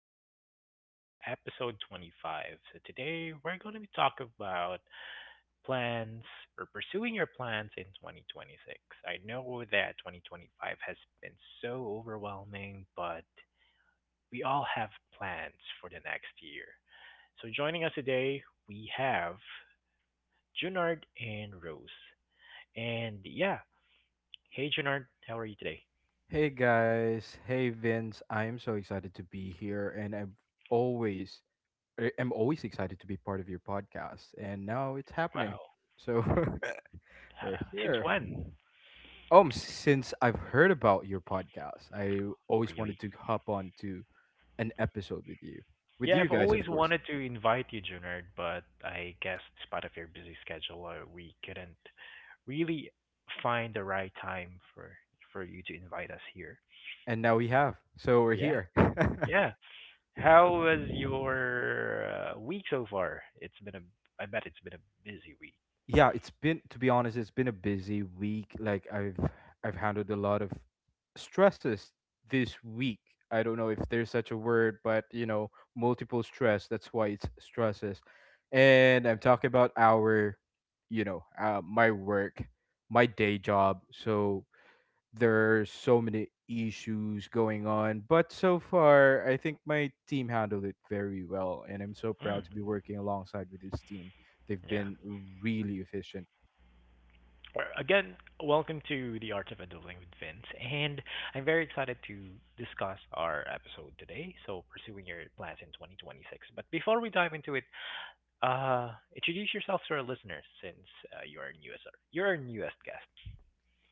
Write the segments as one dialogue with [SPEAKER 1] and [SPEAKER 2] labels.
[SPEAKER 1] Adulting with Vince, episode 25. So today we're going to be talking about plans or pursuing your plans in 2026. I know that 2025 has been so overwhelming, but we all have plans for the next year. So joining us today, we have Junard and Rose. And yeah, hey Junard, how are you today?
[SPEAKER 2] Hey guys, hey Vince. I am so excited to be here, and always I'm always excited to be part of your podcast. And now it's happening,
[SPEAKER 1] Wow.
[SPEAKER 2] so we're
[SPEAKER 1] Since
[SPEAKER 2] here.
[SPEAKER 1] when?
[SPEAKER 2] Since I've heard about your podcast, I always
[SPEAKER 1] Really?
[SPEAKER 2] wanted to hop on to an episode with
[SPEAKER 1] Yeah,
[SPEAKER 2] you
[SPEAKER 1] I've
[SPEAKER 2] guys, of
[SPEAKER 1] always
[SPEAKER 2] course.
[SPEAKER 1] wanted to invite you, Junard, but I guess despite of your busy schedule, we couldn't really find the right time for you to invite us here.
[SPEAKER 2] And now we have, so we're
[SPEAKER 1] Yeah,
[SPEAKER 2] here.
[SPEAKER 1] yeah. How was your week so far? I bet it's been a busy week.
[SPEAKER 2] Yeah, it's been, to be honest, it's been a busy week. Like I've handled a lot of stresses this week. I don't know if there's such a word, but multiple stress. That's why it's stresses. And I'm talking about our, my work, my day job. So there's so many issues going on. But so far, I think my team handled it very well, and I'm so
[SPEAKER 1] Mm,
[SPEAKER 2] proud to be working alongside with this team. They've
[SPEAKER 1] yeah.
[SPEAKER 2] been really efficient.
[SPEAKER 1] Well, again, welcome to the Art of Adulting with Vince, and I'm very excited to discuss our episode today. So, pursuing your plans in 2026. But before we dive into it, Uh, introduce yourself to our listeners, since you're our newest you're a newest guest.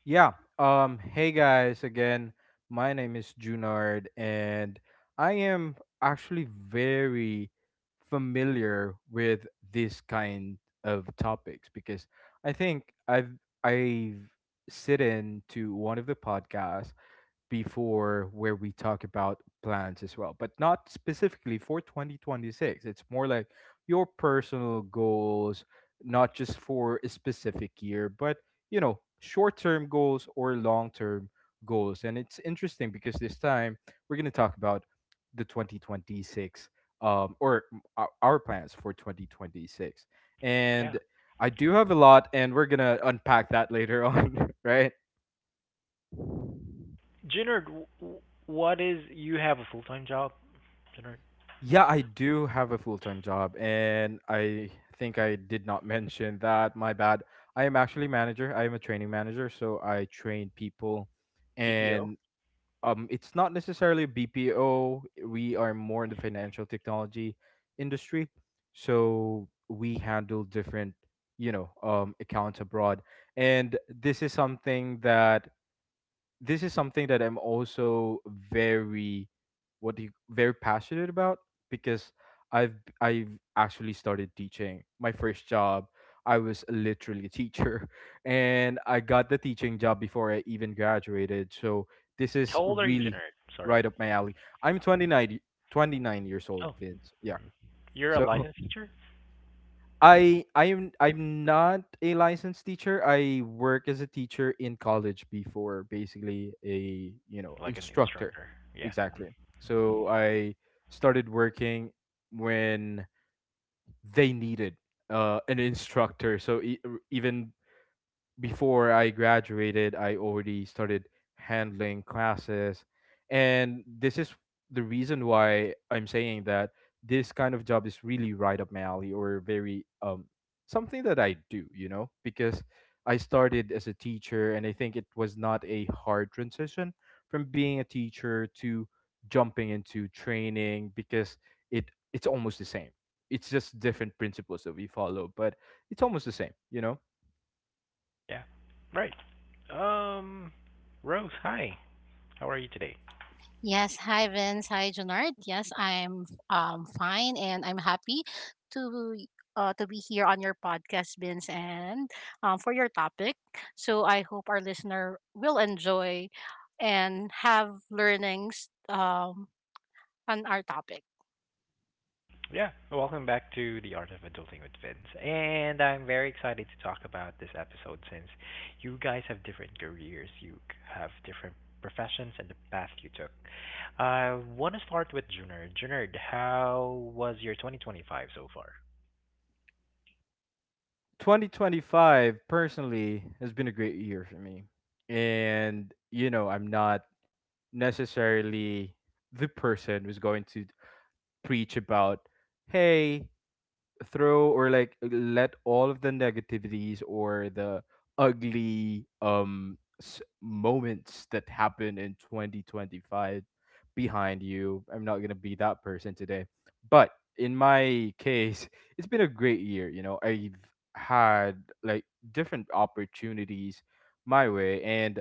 [SPEAKER 2] Yeah. Hey guys, again, my name is Junard, and I am actually very familiar with this kind of topics because I think I've sit in to one of the podcasts before where we talk about plans as well, but not specifically for 2026. It's more like your personal goals, not just for a specific year, but you know, short term goals or long term goals. And it's interesting because this time we're going to talk about the 2026 or our plans for 2026.
[SPEAKER 1] Yeah,
[SPEAKER 2] And I do have a lot, and we're going to unpack that later on, right?
[SPEAKER 1] Jinard, w- w- what is you have a full time job, Jinard?
[SPEAKER 2] Yeah, I do have a full time job, and I think I did not mention that. My bad. I am actually manager. I am a training manager, so I train people,
[SPEAKER 1] BPO.
[SPEAKER 2] and it's not necessarily BPO. We are more in the financial technology industry, so we handle different, accounts abroad, and this is something that I'm also very what do you very passionate about because I've I've actually started teaching. My first job, I was literally a teacher and I got the teaching job before I even graduated. So this
[SPEAKER 1] How
[SPEAKER 2] is
[SPEAKER 1] old are you,
[SPEAKER 2] really
[SPEAKER 1] Jinard? Sorry.
[SPEAKER 2] right up my alley. I'm 29 y- 29 years old,
[SPEAKER 1] Oh,
[SPEAKER 2] Vince. Yeah.
[SPEAKER 1] you're a
[SPEAKER 2] So
[SPEAKER 1] licensed teacher,
[SPEAKER 2] I'm not a licensed teacher. I work as a teacher in college before, basically a you know
[SPEAKER 1] like an
[SPEAKER 2] instructor.
[SPEAKER 1] instructor. Yeah. Mm,
[SPEAKER 2] Exactly. So I started working when they needed an instructor. So even before I graduated, I already started handling classes. And this is the reason why I'm saying that this kind of job is really right up my alley or very something that I do, you know, because I started as a teacher and I think it was not a hard transition from being a teacher to jumping into training because it it's almost the same. It's just different principles that we follow, but it's almost the same, you know.
[SPEAKER 1] yeah. Right. Um, Rose, hi. How are you today?
[SPEAKER 3] Yes, hi Vince, hi Junard. Yes, I'm fine and I'm happy to to be here on your podcast, Vince, and for your topic. So I hope our listener will enjoy and have learnings on our topic.
[SPEAKER 1] Yeah, well, welcome back to The Art of Adulting with Vince. And I'm very excited to talk about this episode since you guys have different careers, have different professions, and the path you took. I want to start with Junard. Junard, how was your 2025 so far?
[SPEAKER 2] 2025 personally has been a great year for me. And you know, I'm not necessarily the person who's going to preach about, "Hey, throw or like let all of the negativities or the ugly moments that happen in 2025 behind you." I'm not going to be that person today. But in my case, it's been a great year, you know. I've had like different opportunities my way and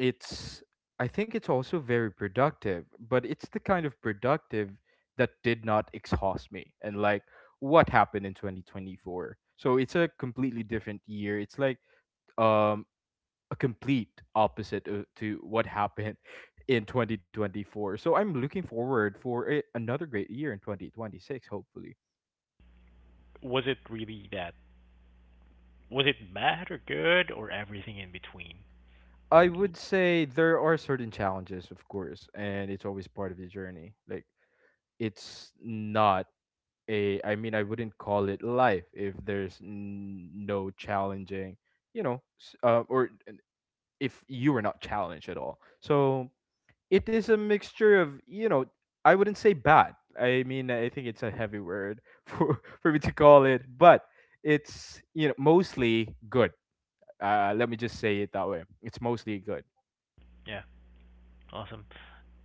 [SPEAKER 2] it's I think it's also very productive, but it's the kind of productive that did not exhaust me. And like what happened in 2024? So it's a completely different year. It's like um a complete opposite to what happened in 2024. So I'm looking forward for another great year in 2026 hopefully.
[SPEAKER 1] Was it really that? Was it bad or good or everything in between?
[SPEAKER 2] I would say there are certain challenges of course, and it's always part of the journey. Like it's not a I mean I wouldn't call it life if there's no challenging or if you were not challenged at all, so it is a mixture of, you know, I wouldn't say bad, I mean I think it's a heavy word for me to call it, but it's, you know, mostly good. Uh, let me just say it that way, it's mostly good.
[SPEAKER 1] Yeah, awesome.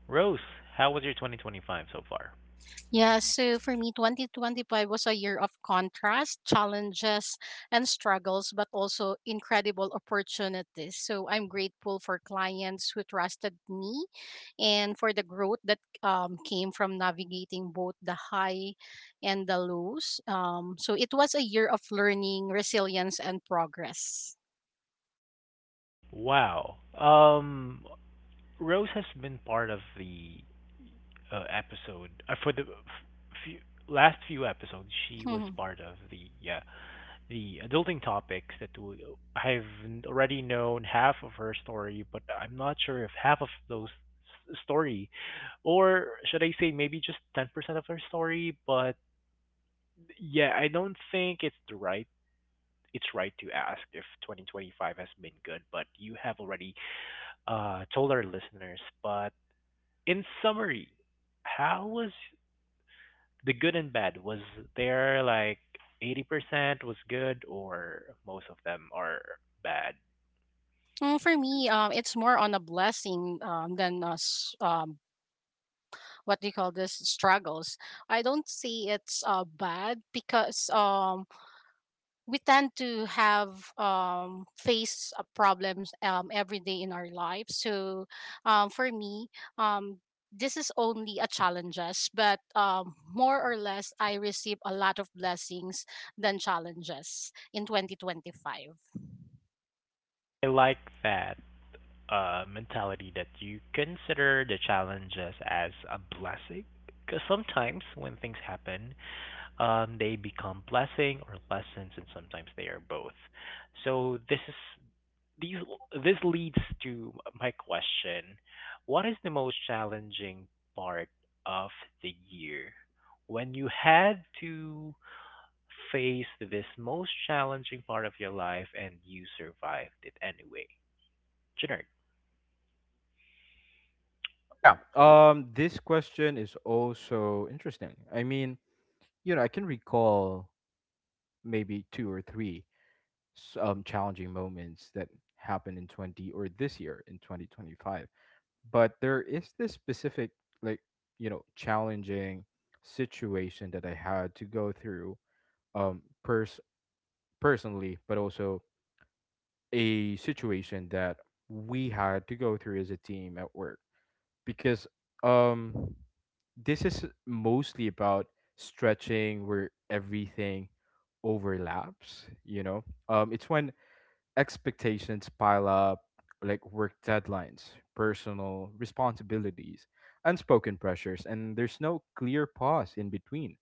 [SPEAKER 1] Rose, how was your 2025 so far?
[SPEAKER 3] Yeah, so for me, 2025 was a year of contrast, challenges, and struggles, but also incredible opportunities. So I'm grateful for clients who trusted me and for the growth that came from navigating both the high and the lows. So it was a year of learning, resilience, and progress.
[SPEAKER 1] Wow. Rose has been part of the episode, for the last few episodes she was
[SPEAKER 3] Mhm.
[SPEAKER 1] part of the the adulting topics that I've already known half of her story, but I'm not sure if half of those story, or should I say maybe just 10% of her story. But yeah, I don't think it's right to ask if 2025 has been good, but you have already told our listeners. But in summary, how was the good and bad, was there like 80% was good, or most of them are bad?
[SPEAKER 3] For me, it's more on a blessing than what do you call this, struggles. I don't see it's bad because we tend to have face problems every day in our lives. So for me, um, this is only a challenges, but more or less, I receive a lot of blessings than challenges in 2025.
[SPEAKER 1] I like that mentality that you consider the challenges as a blessing. Because sometimes when things happen, they become blessing or lessons, and sometimes they are both. So this is these this leads to my question. What is the most challenging part of the year? When you had to face this most challenging part of your life and you survived it anyway. Jenner,
[SPEAKER 2] Yeah, this question is also interesting. I mean, you know, I can recall maybe two or three challenging moments that happened in 20 or this year in 2025, but there is this specific like, you know, challenging situation that I had to go through, um pers- personally, but also a situation that we had to go through as a team at work, because um this is mostly about stretching where everything overlaps, you know. It's when expectations pile up like work deadlines, personal responsibilities, unspoken pressures, and there's no clear pause in between.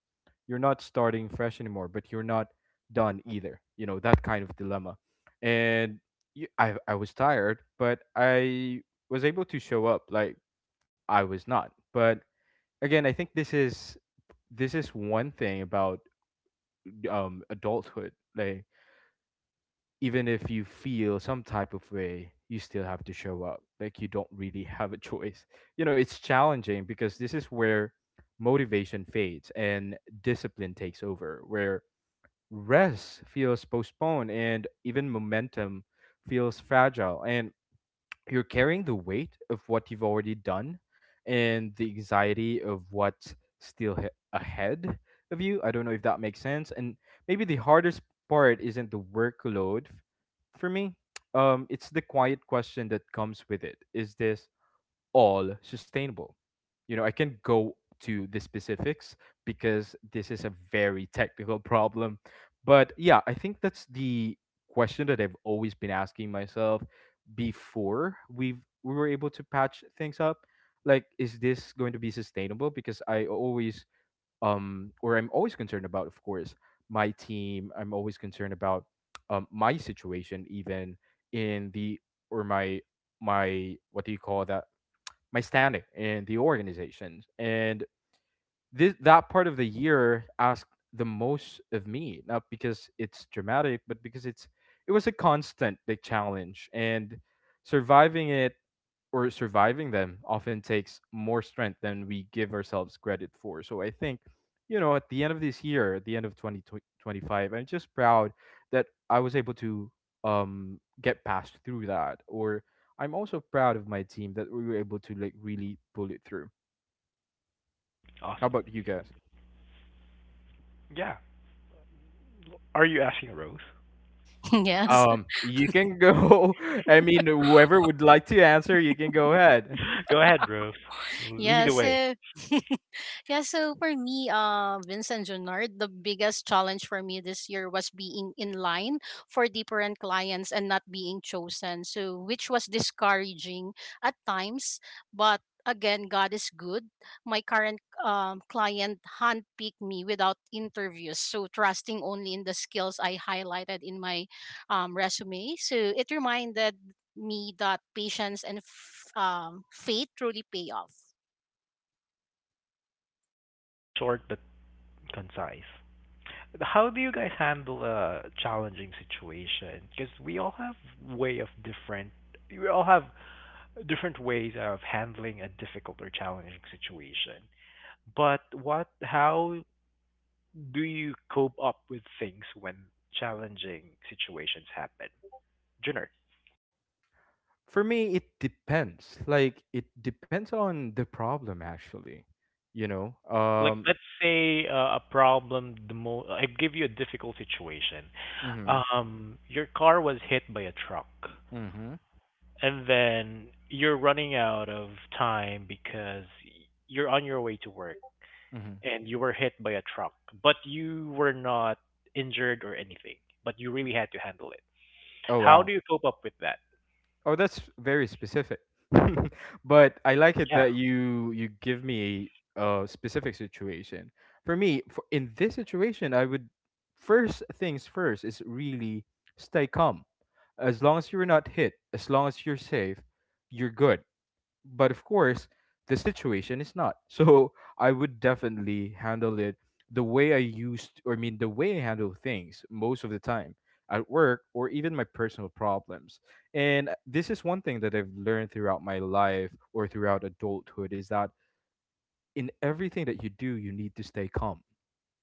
[SPEAKER 2] You're not starting fresh anymore, but you're not done either. You know, that kind of dilemma. And I was tired, but I was able to show up like I was not. But again, I think this is one thing about adulthood. Like even if you feel some type of way, you still have to show up. Like you don't really have a choice. You know, it's challenging because this is where motivation fades and discipline takes over, where rest feels postponed and even momentum feels fragile. And you're carrying the weight of what you've already done and the anxiety of what's still ahead of you. I don't know if that makes sense. And maybe the hardest part isn't the workload for me. It's the quiet question that comes with it. Is this all sustainable? You know, I can go to the specifics because this is a very technical problem. But yeah, I think that's the question that I've always been asking myself before we were able to patch things up. Like, is this going to be sustainable? Because I always or I'm always concerned about, of course, my team. I'm always concerned about my situation even in the or my what do you call that, my standing in the organization. And this that part of the year asked the most of me, not because it's dramatic, but because it was a constant like challenge, and surviving it or surviving them often takes more strength than we give ourselves credit for. So I think, you know, at the end of this year, at the end of 2025, I'm just proud that I was able to get past through that, or I'm also proud of my team that we were able to like really pull it through. How
[SPEAKER 1] awesome.
[SPEAKER 2] about you guys?
[SPEAKER 1] Yeah. Are you asking Rose?
[SPEAKER 3] yes
[SPEAKER 2] You can go. I mean, whoever would like to answer, you can go ahead.
[SPEAKER 1] Go ahead, Rose. Lead the
[SPEAKER 3] yes
[SPEAKER 1] way.
[SPEAKER 3] so Yeah, so for me, Vincent, Junard, the biggest challenge for me this year was being in line for different clients and not being chosen. So, which was discouraging at times, but again, God is good. My current client handpicked me without interviews, so trusting only in the skills I highlighted in my resume. So, it reminded me that patience and faith truly pay off.
[SPEAKER 1] Short but concise. How do you guys handle a challenging situation? Because we all have way of different. We all have different ways of handling a difficult or challenging situation. But what how do you cope up with things when challenging situations happen? Junior.
[SPEAKER 2] For me, it depends. Like it depends on the problem, actually. You know.
[SPEAKER 1] Like let's say a problem, the mo I give you a difficult situation.
[SPEAKER 2] Mm-hmm.
[SPEAKER 1] Your car was hit by a truck,
[SPEAKER 2] Mm-hmm.
[SPEAKER 1] and then you're running out of time because you're on your way to work.
[SPEAKER 2] Mm-hmm.
[SPEAKER 1] And you were hit by a truck, but you were not injured or anything, but you really had to handle it.
[SPEAKER 2] Oh
[SPEAKER 1] How do
[SPEAKER 2] wow.
[SPEAKER 1] you cope up with that?
[SPEAKER 2] Oh, that's very specific. But I like it
[SPEAKER 1] Yeah.
[SPEAKER 2] that you give me a specific situation. For me, for, in this situation, I would, first things first is really stay calm. As long as you're not hit, as long as you're safe, you're good. But of course the situation is not. So I would definitely handle it the way I used, or I mean the way I handle things most of the time at work or even my personal problems. And this is one thing that I've learned throughout my life or throughout adulthood is that in everything that you do you need to stay calm,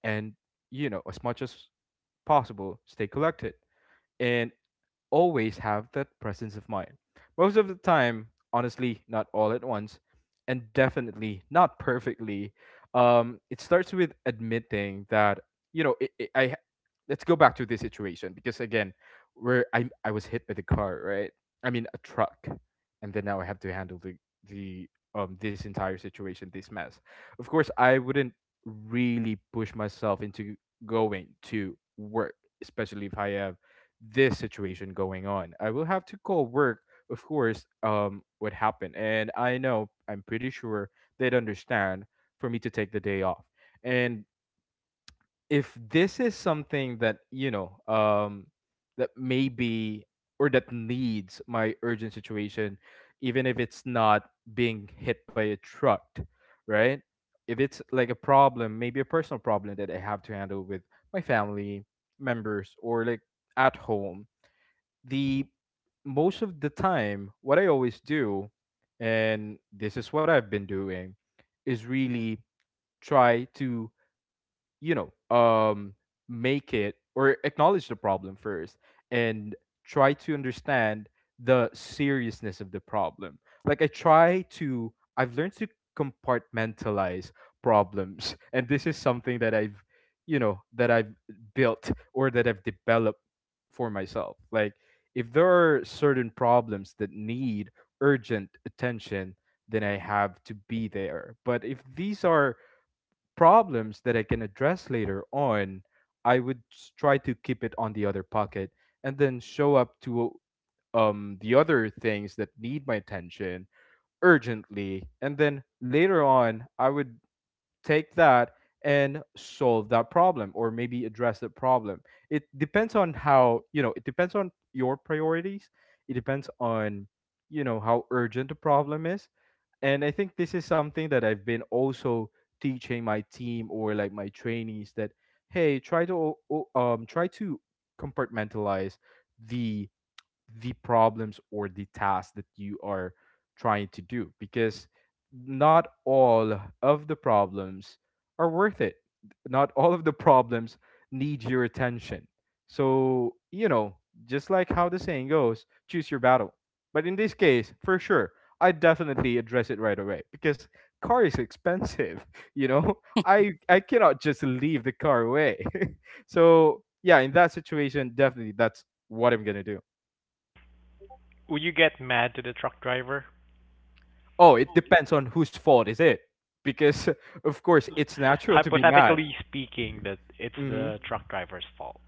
[SPEAKER 2] and, you know, as much as possible stay collected, and always have that presence of mind. Most of the time, honestly, not all at once, and definitely not perfectly. It starts with admitting that you know it, it, I. ha- Let's go back to this situation because again, where I was hit by the car, right? I mean a truck, and then now I have to handle the this entire situation, this mess. Of course, I wouldn't really push myself into going to work, especially if I have this situation going on. I will have to call work, of course, what happened. And I know, I'm pretty sure they'd understand for me to take the day off. And if this is something that, you know, that maybe or that needs my urgent situation, even if it's not being hit by a truck, right? If it's like a problem, maybe a personal problem that I have to handle with my family members or like at home, the most of the time, what I always do, and this is what I've been doing, is really try to you know um make it or acknowledge the problem first and try to understand the seriousness of the problem. Like I've learned to compartmentalize problems. And this is something that I've built or that I've developed for myself. Like, if there are certain problems that need urgent attention, then I have to be there. But if these are problems that I can address later on, I would try to keep it on the other pocket and then show up to the other things that need my attention urgently. And then later on, I would take that and solve that problem, or maybe address the problem. It depends on how, it depends on your priorities, it depends on, you know, how urgent the problem is. And I think this is something that I've been also teaching my team, or like my trainees, that hey, try to try to compartmentalize the the problems or the tasks that you are trying to do, because not all of the problems are worth it. Not all of the problems need your attention. So, you know, just like how the saying goes, choose your battle. But in this case, for sure, I definitely address it right away because car is expensive, you know? I cannot just leave the car away. So, yeah, in that situation, definitely that's what I'm going to do.
[SPEAKER 1] Would you get mad to the truck driver?
[SPEAKER 2] Oh, it depends on whose fault is it, because of course it's natural to be mad.
[SPEAKER 1] Hypothetically speaking, that it's
[SPEAKER 2] Hmm.
[SPEAKER 1] the truck driver's fault.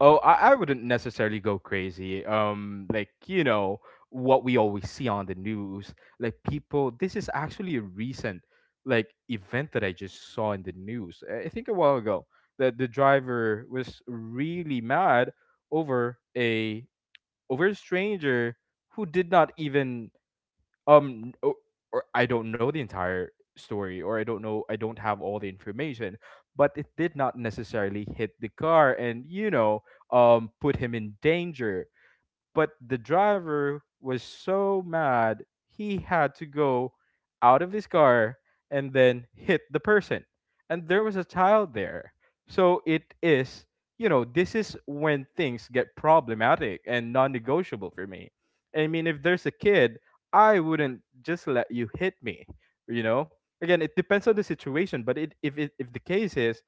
[SPEAKER 2] Oh, I wouldn't necessarily go crazy. Like, you know, what we always see on the news, like people. This is actually a recent like event that I just saw in the news. I think a while ago that the driver was really mad over a over a stranger who did not even um o- or I don't know the entire story, or I don't know, I don't have all the information, but it did not necessarily hit the car and, you know, put him in danger. But the driver was so mad he had to go out of his car and then hit the person, and there was a child there. So it is, you know, this is when things get problematic and non-negotiable for me. I mean, if there's a kid, I wouldn't just let you hit me, you know? Again, it depends on the situation, but if the case is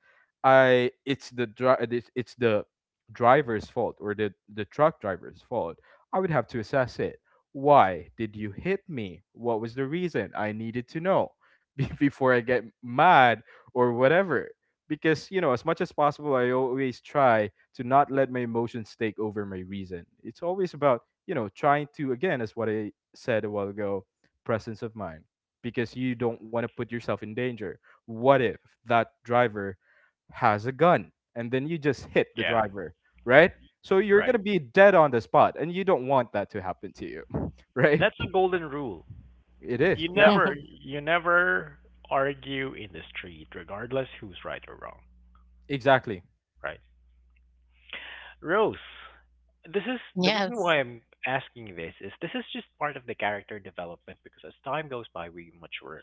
[SPEAKER 2] I it's the dri- it's the driver's fault, or the truck driver's fault, I would have to assess it. Why did you hit me? What was the reason? I needed to know before I get mad or whatever. Because, you know, as much as possible, I always try to not let my emotions take over my reason. It's always about, you know, trying to, again, as what I said a while ago, presence of mind. Because you don't want to put yourself in danger. What if that driver has a gun and then you just hit the
[SPEAKER 1] Yeah,
[SPEAKER 2] driver, right? So you're going
[SPEAKER 1] right.
[SPEAKER 2] to be dead on the spot and you don't want that to happen to you. Right?
[SPEAKER 1] That's a golden rule.
[SPEAKER 2] It is,
[SPEAKER 1] You
[SPEAKER 2] yeah.
[SPEAKER 1] never you never argue in the street regardless who's right or wrong,
[SPEAKER 2] Exactly.
[SPEAKER 1] right? Rose, this is the
[SPEAKER 3] Yeah.
[SPEAKER 1] reason why I'm asking. This is just part of the character development because as time goes by, we mature.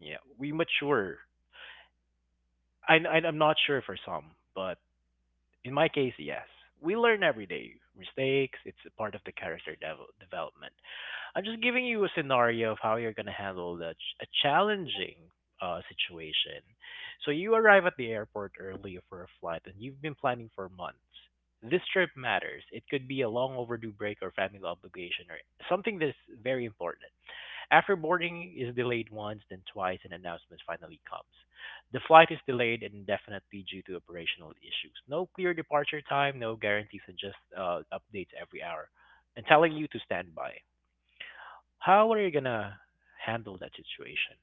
[SPEAKER 1] Yeah, we mature. I'm not sure for some, but in my case, yes, we learn every day. Mistakes, it's a part of the character development. I'm just giving you a scenario of how you're going to handle a challenging situation. So you arrive at the airport early for a flight and you've been planning for months. This trip matters. It could be a long overdue break or family obligation or something that's very important. After boarding is delayed once, then twice, an announcement finally comes. The flight is delayed indefinitely due to operational issues. No clear departure time, no guarantees, and just updates every hour, and telling you to stand by. How are you gonna handle that situation?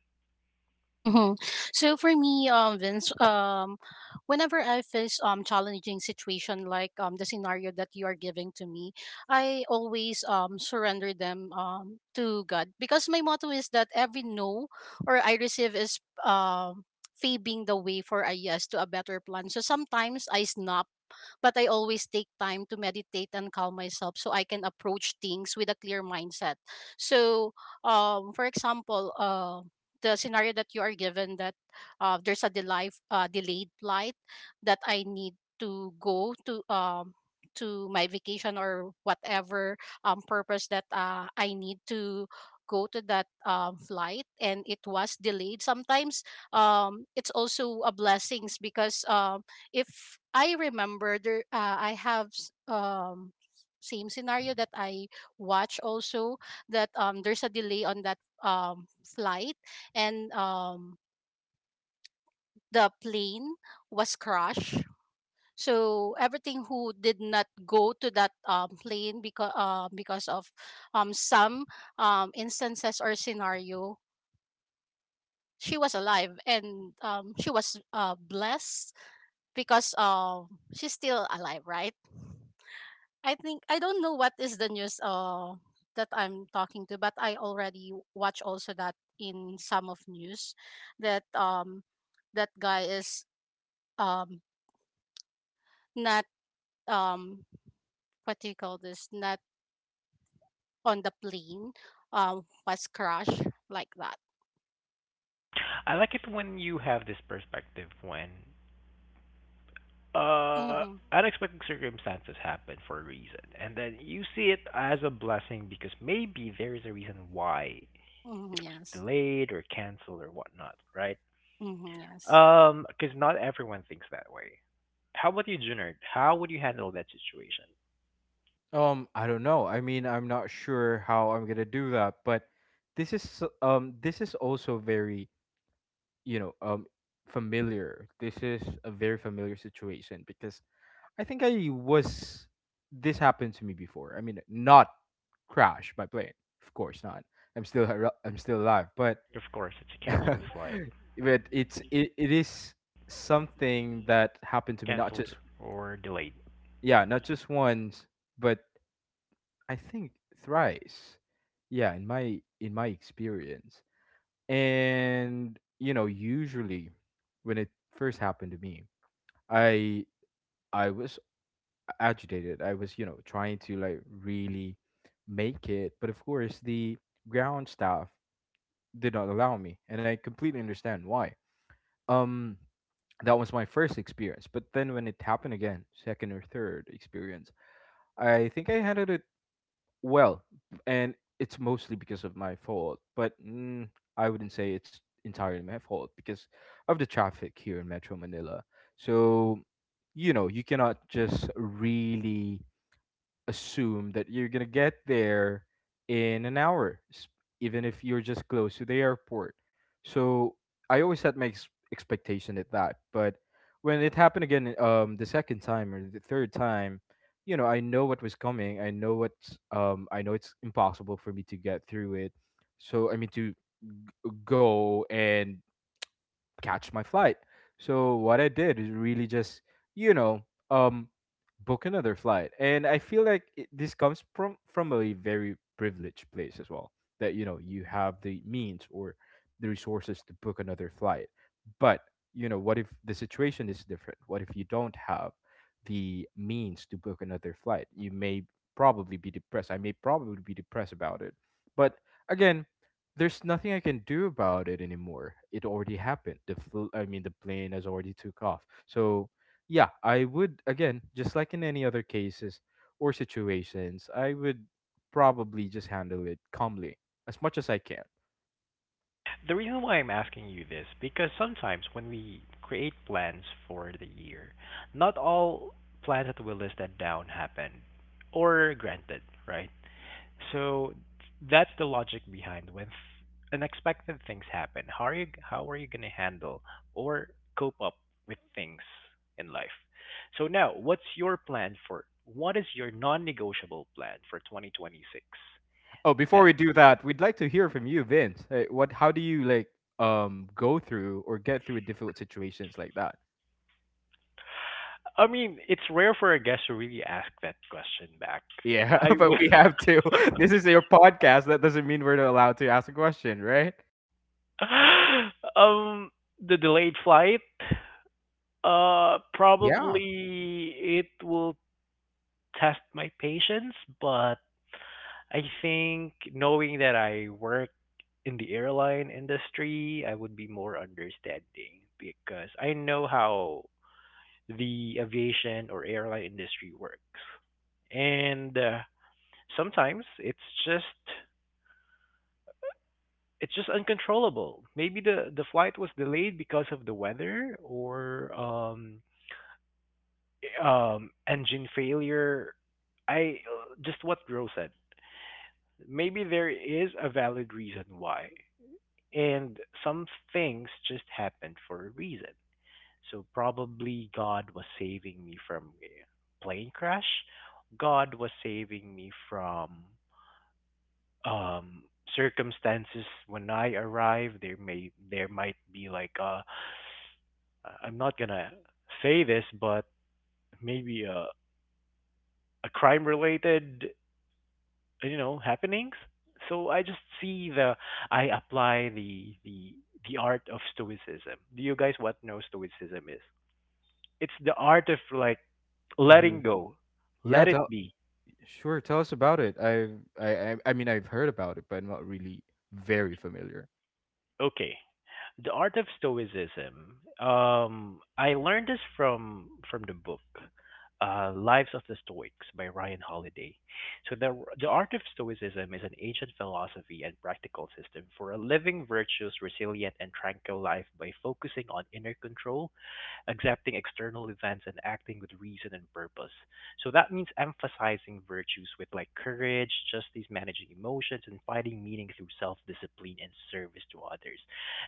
[SPEAKER 3] Mhm. So for me, Vince, whenever I face challenging situation like the scenario that you are giving to me, I always surrender them to God because my motto is that every no or I receive is um paving the way for a yes to a better plan. So sometimes I snap but I always take time to meditate and calm myself so I can approach things with a clear mindset. So, for example, the scenario that you are given, that delayed flight that I need to go to my vacation or whatever purpose that I need to go to that flight and it was delayed. Sometimes it's also a blessings because if I remember, there I have same scenario that I watch also, that there's a delay on that flight and the plane was crashed. So everything who did not go to that plane because of some instances or scenario, she was alive and she was blessed because she's still alive, right? I think I don't know what is the news that I'm talking to, but I already watch also that in some of news that that guy is um not um what do you call this, not on the plane was crushed like that.
[SPEAKER 1] I like it when you have this perspective when uh
[SPEAKER 3] Mm-hmm.
[SPEAKER 1] unexpected circumstances happen for a reason, and then you see it as a blessing because maybe there is a reason why
[SPEAKER 3] Mm-hmm,
[SPEAKER 1] it was
[SPEAKER 3] yes.
[SPEAKER 1] delayed or canceled or whatnot, right?
[SPEAKER 3] Mm-hmm, yes.
[SPEAKER 1] Because not everyone thinks that way. How about you, Junard? How would you handle that situation?
[SPEAKER 2] I don't know, I mean, I'm not sure how I'm going to do that, but this is also very, you know, familiar. This is a very familiar situation because I think I was, this happened to me before. I mean, not crash my plane, of course not, I'm still alive. But
[SPEAKER 1] Of course, it's a canceled flight,
[SPEAKER 2] but it is something that happened to me, not
[SPEAKER 1] canceled
[SPEAKER 2] just,
[SPEAKER 1] or delayed.
[SPEAKER 2] yeah, not just once, but I think thrice. Yeah, in my experience. And you know, usually when it first happened to me, i I was agitated, I was, you know, trying to like really make it, but of course the ground staff did not allow me, and I completely understand why. um that was my first experience. But then when it happened again, second or third experience, I think I handled it well, and it's mostly because of my fault. But I wouldn't say it's entirely my fault because of the traffic here in Metro Manila. So, you know, you cannot just really assume that you're gonna get there in an hour, even if you're just close to the airport. So I always set my expectation at that. But when it happened again, the second time or the third time, you know, I know what was coming. I know what's I know it's impossible for me to get through it. So I mean to go and catch my flight. So what I did is really just, you know, um, book another flight. And I feel like this comes from a very privileged place as well. That, you know, you have the means or the resources to book another flight. But you know, what if the situation is different? What if you don't have the means to book another flight? You may probably be depressed. I may probably be depressed about it. But again, there's nothing I can do about it anymore. It already happened. I mean, the plane has already took off. So, yeah, I would again, just like in any other cases or situations, I would probably just handle it calmly as much as I can.
[SPEAKER 1] The reason why I'm asking you this, because sometimes when we create plans for the year, not all plans that we listed down happen or granted, right? So that's the logic behind when unexpected things happen. How are you going to handle or cope up with things in life? So now, what is your non-negotiable plan for 2026?
[SPEAKER 2] Oh, before we do that, we'd like to hear from you, Vince. Hey, what? How do you like go through or get through difficult situations like that?
[SPEAKER 1] I mean, it's rare for a guest to really ask that question back.
[SPEAKER 2] Yeah,
[SPEAKER 1] I
[SPEAKER 2] but
[SPEAKER 1] would,
[SPEAKER 2] we have to. This is your podcast. That doesn't mean we're not allowed to ask a question, right?
[SPEAKER 1] um, the delayed flight.
[SPEAKER 2] Yeah.
[SPEAKER 1] Probably it will test my patience, but I think, knowing that I work in the airline industry, I would be more understanding because I know how the aviation or airline industry works, and sometimes just it's just uncontrollable. Maybe the flight was delayed because of the weather or engine failure. I just what Rose said. Maybe there is a valid reason why, and some things just happened for a reason. So probably God was saving me from a plane crash. God was saving me from um circumstances when I arrive. There might be like I'm not gonna say this, but maybe a crime related, happenings. So I apply the art of stoicism. Do you guys what know stoicism is? It's the art of like
[SPEAKER 2] Hmm.
[SPEAKER 1] letting go,
[SPEAKER 2] Yeah,
[SPEAKER 1] let it
[SPEAKER 2] that,
[SPEAKER 1] be.
[SPEAKER 2] sure, tell us about it. I mean, I've heard about it, but I'm not really very familiar.
[SPEAKER 1] Okay, the Art of Stoicism. I learned this from the book, Lives of the Stoics by Ryan Holiday. So the Art of Stoicism is an ancient philosophy and practical system for a living virtuous, resilient, and tranquil life by focusing on inner control, accepting external events, and acting with reason and purpose. So that means emphasizing virtues with like courage, justice, managing emotions, and finding meaning through self discipline and service to others.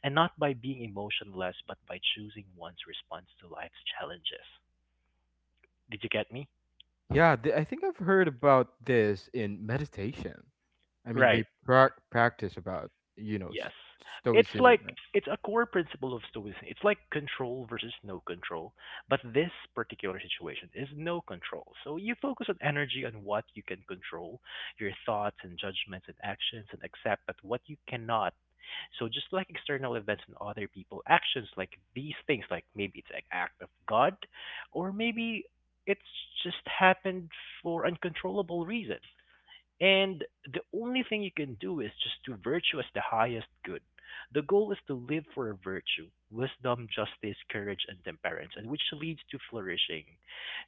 [SPEAKER 1] And not by being emotionless, but by choosing one's response to life's challenges. Did you get me?
[SPEAKER 2] Yeah, I think I've heard about this in meditation. I mean,
[SPEAKER 1] Right.
[SPEAKER 2] they practice about, you know,
[SPEAKER 1] Yes. It's
[SPEAKER 2] stoicism,
[SPEAKER 1] like
[SPEAKER 2] right?
[SPEAKER 1] it's a core principle of stoicism. It's like control versus no control, but this particular situation is no control. So you focus on energy on what you can control, your thoughts and judgments and actions, and accept that what you cannot. So just like external events and other people actions, like these things, like maybe it's an act of God, or maybe it's just happened for uncontrollable reasons. And the only thing you can do is just to virtue as the highest good. The goal is to live for a virtue, wisdom, justice, courage, and temperance, and which leads to flourishing.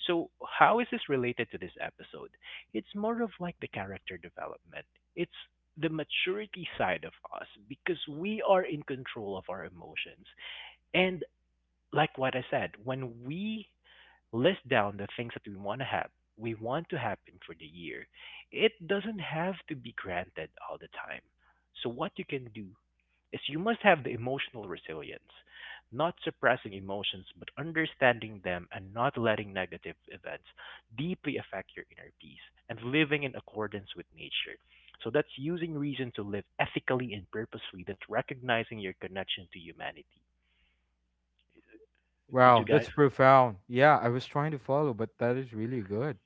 [SPEAKER 1] So, how is this related to this episode? It's more of like the character development. It's the maturity side of us because we are in control of our emotions. And like what I said, when we list down the things that we want to have, we want to happen for the year. It doesn't have to be granted all the time. So what you can do is you must have the emotional resilience, not suppressing emotions but understanding them, and not letting negative events deeply affect your inner peace, and living in accordance with nature. So that's using reason to live ethically and purposefully. That's recognizing your connection to humanity. Did you
[SPEAKER 2] Wow,
[SPEAKER 1] guys?
[SPEAKER 2] that's profound. Yeah, I was trying to follow, but that is really good.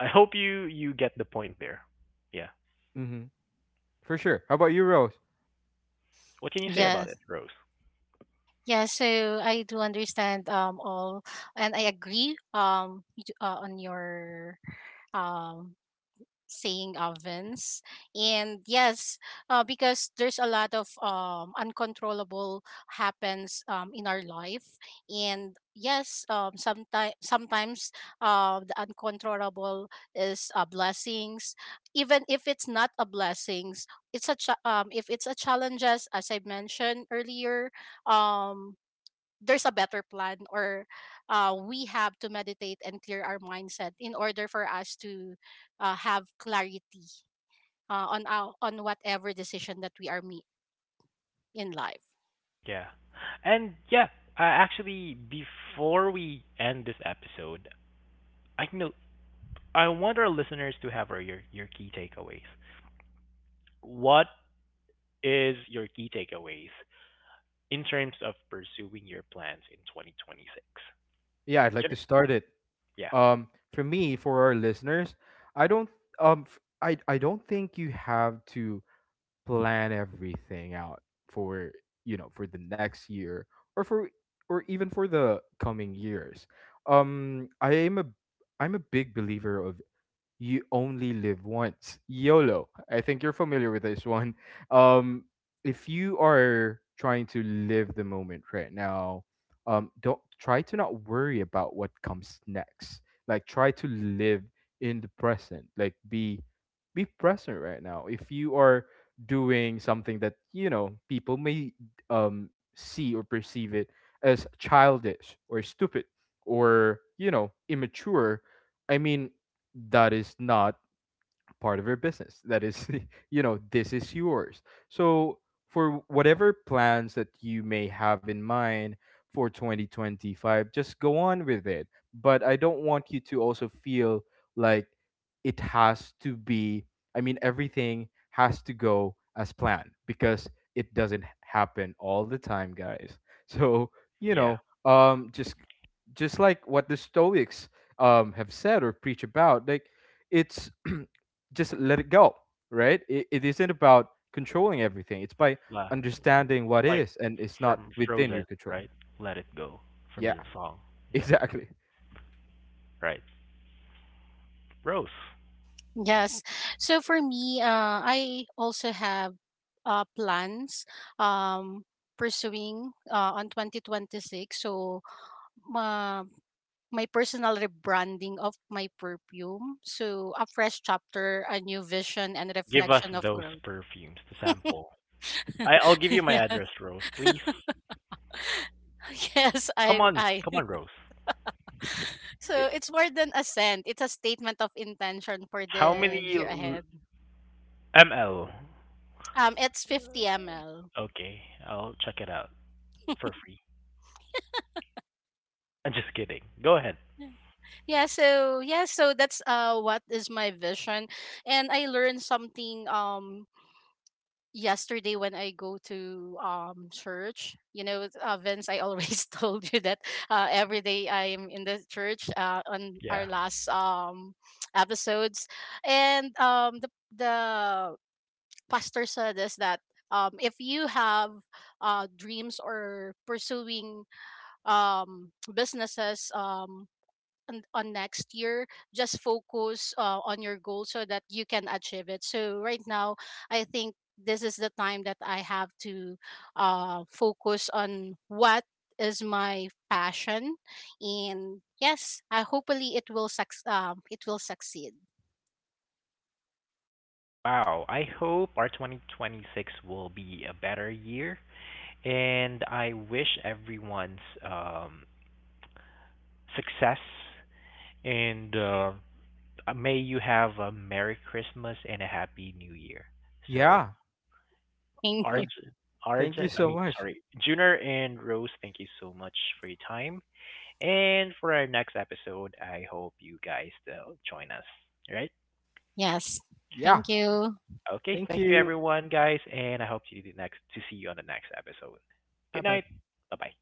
[SPEAKER 1] I hope you get the point there. Yeah.
[SPEAKER 2] Mm-hmm. For sure. How about you, Rose?
[SPEAKER 1] What can you say about
[SPEAKER 3] Yes.
[SPEAKER 1] it, Rose?
[SPEAKER 3] Yeah, so I do understand all and I agree on your um saying ovens. And yes, because there's a lot of uncontrollable happens in our life. And yes, sometimes the uncontrollable is blessings. Even if it's not a blessings, if it's a challenges, as I mentioned earlier, um, there's a better plan, or we have to meditate and clear our mindset in order for us to have clarity on whatever decision that we are me in life.
[SPEAKER 1] Yeah. And yeah, actually, before we end this episode, I know I want our listeners to have our, your key takeaways. What is your key takeaways in terms of pursuing your plans in 2026?
[SPEAKER 2] Yeah, I'd like
[SPEAKER 1] Gen-
[SPEAKER 2] to start it.
[SPEAKER 1] Yeah,
[SPEAKER 2] For me, for our listeners, I don't f- I don't think you have to plan everything out for, you know, for the next year, or for, or even for the coming years. um i am a I'm a big believer of you only live once. YOLO. I think you're familiar with this one. Um, if you are trying to live the moment right now, don't try to not worry about what comes next. Like, try to live in the present. Like, be present right now. If you are doing something that, you know, people may see or perceive it as childish or stupid, or, you know, immature, I mean, that is not part of your business. That is, you know, this is yours. So, for whatever plans that you may have in mind for 2025, just go on with it. But I don't want you to also feel like it has to be, I mean, everything has to go as planned because it doesn't happen all the time, guys. So, you
[SPEAKER 1] yeah.
[SPEAKER 2] know, just like what the Stoics have said or preach about, like, it's just let it go, right? It isn't about controlling everything. It's by
[SPEAKER 1] La-
[SPEAKER 2] understanding
[SPEAKER 1] It's
[SPEAKER 2] what
[SPEAKER 1] like
[SPEAKER 2] is and it's not
[SPEAKER 1] from
[SPEAKER 2] within your
[SPEAKER 1] Frozen,
[SPEAKER 2] control.
[SPEAKER 1] right? Let it go from
[SPEAKER 2] Yeah,
[SPEAKER 1] the song. Yeah,
[SPEAKER 2] exactly.
[SPEAKER 1] right. Rose,
[SPEAKER 3] Yes, so for me, I also have plans, um, pursuing on 2026. So uh, my personal rebranding of my perfume, so a fresh chapter, a new vision and
[SPEAKER 1] give us
[SPEAKER 3] reflection of
[SPEAKER 1] those
[SPEAKER 3] growth.
[SPEAKER 1] perfumes to sample. I'll give you my address, Rose, please.
[SPEAKER 3] Yes,
[SPEAKER 1] Come
[SPEAKER 3] I
[SPEAKER 1] on,
[SPEAKER 3] I
[SPEAKER 1] come on, Rose.
[SPEAKER 3] so
[SPEAKER 1] It,
[SPEAKER 3] it's more than a scent. It's a statement of intention for
[SPEAKER 1] how
[SPEAKER 3] the
[SPEAKER 1] many
[SPEAKER 3] year ahead.
[SPEAKER 1] ml?
[SPEAKER 3] It's 50 ml.
[SPEAKER 1] Okay, I'll check it out for free. I'm just kidding. Go ahead.
[SPEAKER 3] Yeah. Yeah, so yeah, so that's what is my vision. And I learned something yesterday when I go to church. You know, it's, Vince, I always told you that every day I am in the church on our
[SPEAKER 1] Yeah.
[SPEAKER 3] last episodes. And the pastor said is that, if you have dreams or pursuing businesses, on next year, just focus on your goal so that you can achieve it. So right now, I think this is the time that I have to focus on what is my passion. And yes, I hopefully it will it will succeed.
[SPEAKER 1] Wow. I hope our 2026 will be a better year, and I wish everyone's um, success. And may you have a Merry Christmas and a Happy New Year. So,
[SPEAKER 2] Yeah.
[SPEAKER 3] Thank
[SPEAKER 2] Th-
[SPEAKER 3] you.
[SPEAKER 1] Arj,
[SPEAKER 2] Thank you
[SPEAKER 1] I
[SPEAKER 2] so
[SPEAKER 1] mean,
[SPEAKER 2] much.
[SPEAKER 1] sorry, Junior and Rose, thank you so much for your time. And for our next episode, I hope you guys still join us. Right?
[SPEAKER 3] Yes,
[SPEAKER 2] Yeah.
[SPEAKER 3] thank you.
[SPEAKER 1] Okay.
[SPEAKER 2] Thank
[SPEAKER 1] Thank you,
[SPEAKER 2] you.
[SPEAKER 1] everyone, guys, and I hope to see you on the next episode.
[SPEAKER 2] Bye
[SPEAKER 1] Good night.
[SPEAKER 2] bye.
[SPEAKER 1] Bye bye.